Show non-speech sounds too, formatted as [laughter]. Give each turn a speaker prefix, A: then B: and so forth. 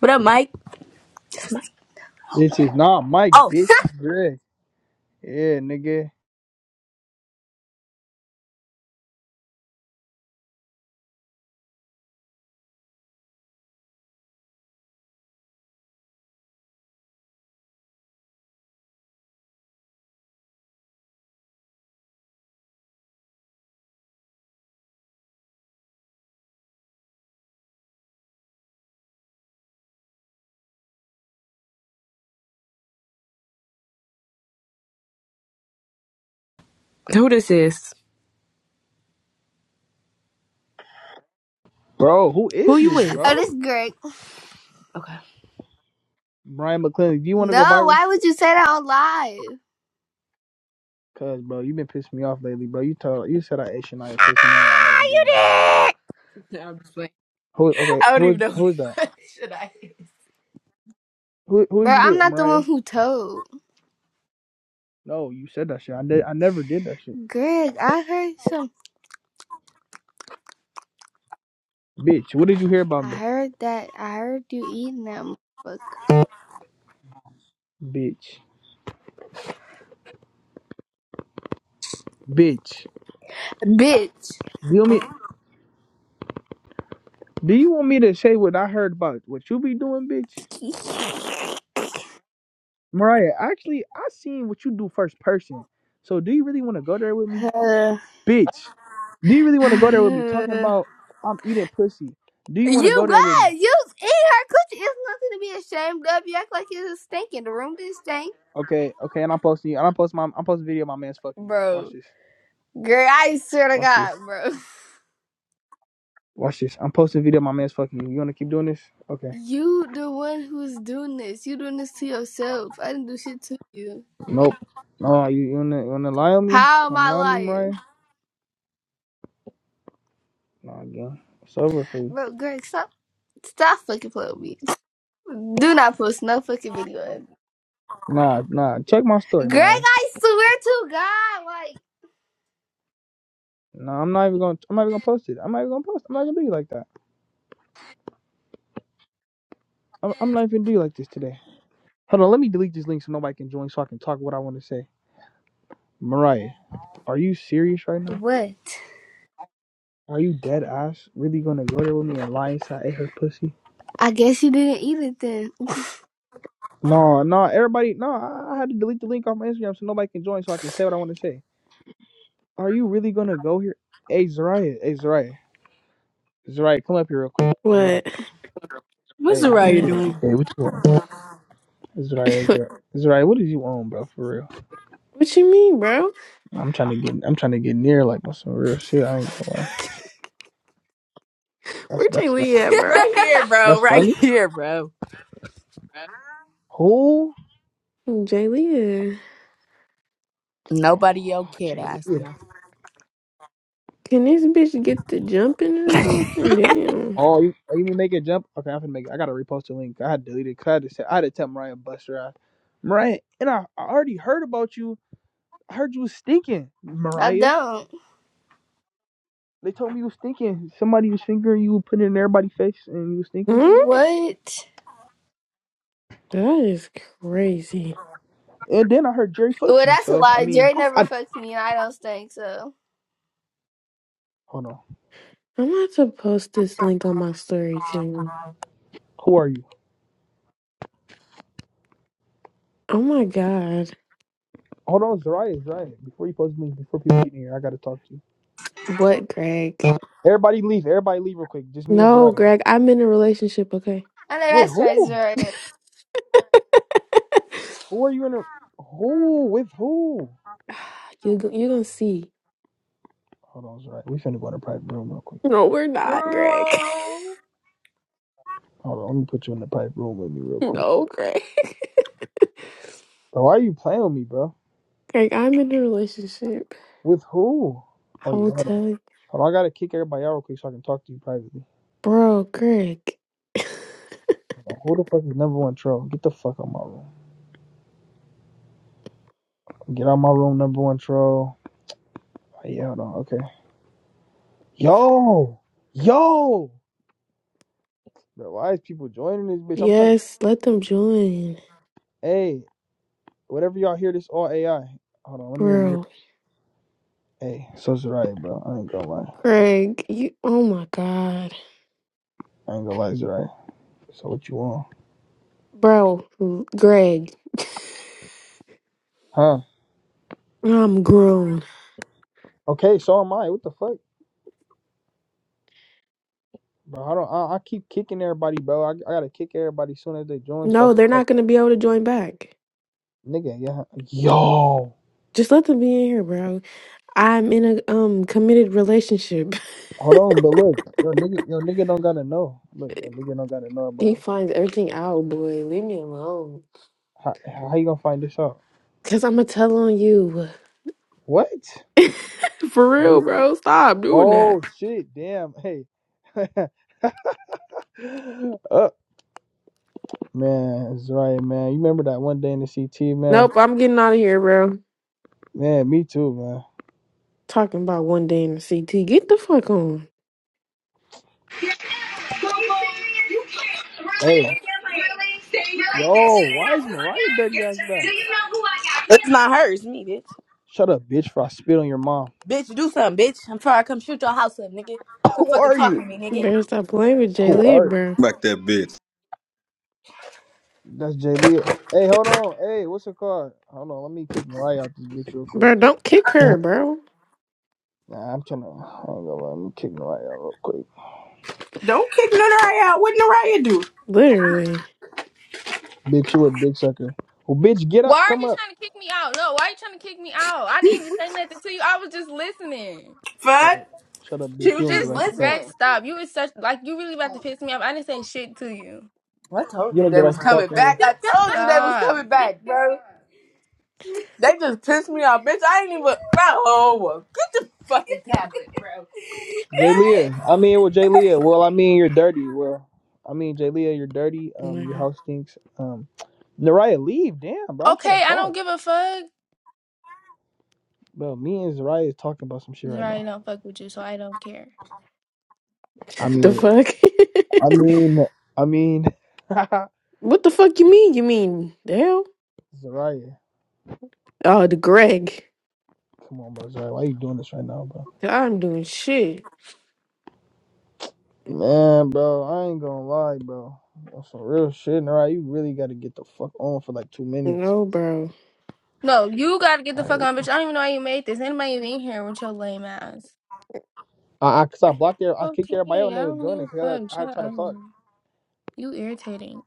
A: What up, Mike?
B: This is not Mike, bitch. It's Greg. Yeah, nigga.
A: Who this is?
B: Bro, who
A: Who
B: is
A: you
B: this,
A: with?
B: bro?
A: Oh, this is Greg. Okay.
B: Brian McClendon, do you want to go
A: No,
B: viral?
A: why would you say that on live? [laughs]
B: Cause, bro, you been pissing me off lately, bro. You told, you said I ate Shania pussy, no, and I never did that.
A: Nah, I'm just playing.
B: Who? Okay,
A: I don't even
B: who?
A: know.
B: Who is
A: [laughs]
B: that?
A: what Should I?
B: Who? Who are
A: Bro,
B: you
A: I'm
B: with,
A: not the
B: Mariah?
A: one who told.
B: No, you said that shit. I did. I never did that shit,
A: Greg, I heard some.
B: bitch. What did you hear about
A: I
B: me,
A: heard that. I heard you eating that motherfucker.
B: bitch? Bitch.
A: Bitch.
B: Do you want me? Do you want me to say what I heard about what you be doing, bitch? Mariah, actually, I seen what you do first person. So, do you really want to go there with me?
A: Uh,
B: Bitch, do you really want to go
A: [sighs]
B: there with me? Talking
A: you
B: about I'm eating pussy. Do you want to go there with me?
A: what? You eat her coochie. It's nothing to be ashamed of. You act like it's a stink in the room. Didn't stink.
B: Okay, okay, and I'm posting you. And I'm posting my I'm posting video of my man's fucking you. Watch
A: Bro.
B: this.
A: Girl, I swear to
B: Watch this.
A: God, bro.
B: Watch this. I'm posting video of my man's fucking you. You wanna keep doing this? Okay.
A: You the one who's doing this. You doing this to yourself. I didn't do shit to you.
B: Nope. No, you, you wanna you wanna lie on me?
A: How am
B: Wanna
A: I
B: lie on me, Mariah?
A: lying?
B: Nah, again. It's over for you.
A: Bro, Greg, stop stop fucking playing with me. Do not post no fucking video. of it.
B: Nah, nah. Check my story,
A: Greg,
B: Mariah.
A: I swear to God, like
B: Nah, I'm not even gonna I'm not even gonna post it. I'm not even gonna post I'm not gonna do you like that. I'm, I'm not even gonna do you like this today. Hold on, let me delete this link so nobody can join so I can talk what I wanna say. Mariah. Are you serious right now?
A: what?
B: Are you dead ass really gonna go there with me and lie inside I ate her pussy?
A: I guess you didn't eat it then.
B: No, no, everybody, no. I I had to delete the link off my Instagram so nobody can join, so I can say what I want to say. Are you really gonna go here? Hey, Zariah, hey, Zariah, Zariah, come up here real quick, Zariah.
C: What?
A: What's
B: Hey, what
A: Mariah
B: you
C: What?
B: want?
A: doing?
B: Hey,
A: [laughs]
B: what you want? Zariah,
C: [laughs]
B: Zariah, Zariah, what did you on, bro? For real,
C: what you mean, bro?
B: I'm trying to get, I'm trying to get near like on some real shit. I ain't gonna lie. That's
C: Where Jay
B: that's
C: Lee at, bro?
A: Right here, bro.
B: that's
A: Right
B: funny.
A: here, bro.
B: Who?
C: Jay Lee, yeah.
A: Nobody your
B: [sighs] Oh,
A: kid ass
B: Jay
A: no.
C: can this bitch get the jumping or something? Damn.
B: Oh, you, oh, you mean make it jump? Okay, I'm gonna make it. I gotta repost the link. I had deleted. Cause I had to say, I had to tell Mariah Buster. I, Mariah, and I, I already heard about you. I heard you was stinking,
A: I
B: Mariah.
A: don't.
B: They told me you was stinking. Somebody was fingering you, putting it in everybody's face, and you was stinking.
C: Hmm?
A: What?
C: That is crazy.
B: And then I heard Jerry fucked
A: Well
B: you.
A: that's a
B: So I
A: lie.
B: mean,
A: Jerry
C: Oh,
A: never
B: I
A: fucks me and I don't stink, so
B: hold on.
C: I'm about to post this link on my story too.
B: Who are you?
C: Oh my god.
B: Hold on, Zariah, Zariah. Before you post the link, before people get in here, I gotta talk to you.
C: What, Greg?
B: Everybody leave. Everybody leave real quick. Just me and
C: No,
B: Zariah.
C: Greg, I'm in a relationship, okay?
A: I know
B: Wait,
A: that's right,
B: who?
A: Jerry.
B: Who are you in? A, who with who?
C: [sighs] You go- you gonna see.
B: Hold on, Zach. We finna go in the private room real quick.
C: No, we're not, Greg. [laughs]
A: Girl.
B: Hold on, let me put you in the private room with me real quick.
C: No, Greg.
B: Bro, why are you playing with me, bro?
C: Greg, I'm in a relationship.
B: With who? Oh
C: I
B: yeah,
C: will
B: hold on.
C: tell you.
B: Hold on, I gotta kick everybody out real quick so I can talk to you privately.
C: Bro, Greg. [laughs]
B: Hold on, Who the fuck is number one troll? Get the fuck out my room. Get out my room, number one troll. Oh, yeah, hold on, okay. Yo! Yo! Bro, why is people joining this bitch? I'm trying to
C: Yes, let them join.
B: Hey, whatever y'all hear this all AI. Hold on, let me remember.
C: Bro,
B: Hey, so Zariah, bro. I ain't gonna lie.
C: Greg, you, oh my God.
B: I ain't gonna lie, Zariah. So what you want?
C: Bro, Greg, [laughs]
B: Huh?
C: I'm grown.
B: Okay, so am I. What the fuck, bro? I don't. I, I keep kicking everybody, bro. I, I gotta kick everybody soon as they join, so I
C: No, they're
B: can talk.
C: not gonna be able to join back.
B: Nigga, yeah, yo.
C: Just let them be in here, bro. I'm in a um committed relationship. [laughs]
B: Hold on, but look, yo, nigga, yo, nigga don't gotta know. Look, yo, nigga don't gotta know about
C: He
B: it.
C: finds everything out, boy. Leave me alone.
B: How, how you gonna find this out?
C: Cause I'ma tell on you. [laughs]
B: What?
C: For
B: Are
C: real,
B: you-
C: bro. Stop doing
B: oh
C: that.
B: shit, damn. Hey, [laughs] uh, man, it's right, man. You remember that one day in the CT, man?
C: Nope, I'm getting out of here, bro.
B: Man, me too, man.
C: Talking about one day in the CT. Get the fuck on.
D: really,
B: Hey,
D: really, really, really,
B: yo, why is Mariah dirty ass back?
A: It's not hers, me, bitch.
B: Shut up, bitch, for I spit on your mom.
A: Bitch, do something, bitch. I'm trying to come shoot your house up, nigga. Quit
B: Who
A: fucking
B: are
A: talking
B: you?
A: to me, nigga.
C: Better stop playing with
B: Who are
C: Jaylee,
B: you?
C: bro.
D: Back that bitch.
B: That's Jay Leah. Hey, hold on. Hey, what's your card? Hold on. Let me kick Mariah out this bitch real quick.
C: Bro, don't kick her, bro.
B: Nah, I'm trying to. I ain't gonna lie. Let me kick Mariah out real quick.
A: Don't kick Naraya out. What Naraya do?
C: Literally.
B: Bitch, you a big sucker. Well, bitch, get
E: Why
B: up.
E: are
B: Come
E: you
B: up.
E: trying to kick me out? No, why are you trying to kick me out? I didn't even say nothing to you. I was just listening.
B: Shut
A: Fuck.
B: up. Shut up,
A: She
B: bitch. You
A: was
B: don't
E: This
B: get
A: just
B: right to talk.
E: Greg,
A: listening.
E: stop. You was such like you really about to piss me off. I didn't say shit to you.
A: I told
B: You
A: you
B: don't
A: they
B: get right
A: was
B: to
A: coming
B: talking
A: back.
B: here.
A: I told you they was
E: Stop.
A: coming back, bro. They just pissed me off, bitch. I ain't even. Bro, get the fucking tablet.
B: Jay Leah. I mean, well, Jay Leah. Well, I mean, you're dirty. Well, I mean, Jay Leah, you're dirty.
C: Oh
B: Um,
C: my
B: your
C: God.
B: house stinks. Um, Naraya, leave. Damn, bro. I'm trying
E: Okay,
B: to
E: I don't
B: talk.
E: give a fuck.
B: Bro, me and Zariah is talking about some shit
E: 'Cause I
B: right
E: already
B: now.
E: don't fuck with you, so I don't care.
B: I
C: [laughs] The
B: mean,
C: fuck?
B: I
C: [laughs]
B: mean, I mean, [laughs] Zariah.
C: what the fuck you mean? You mean the hell? Oh, the Greg.
B: Come on, bro, Zariah. Why you doing this right now, bro?
C: I'm doing shit.
B: Man, bro, I ain't gonna lie, bro. That's some real shit. All right, you really gotta get the fuck on for like two minutes.
C: No, bro.
E: No, you gotta get
B: All
E: the
B: right,
E: fuck on, bitch. I don't even know how you made this. Anybody even in here with your lame ass?
B: I, I cause I blocked there. I kicked everybody out
E: Okay,
B: and they
E: I
B: was
E: don't give
B: doing
E: a
B: it. Cause I,
E: fuck.
B: I
E: Shut
B: tried to
E: up.
B: talk.
E: You irritating.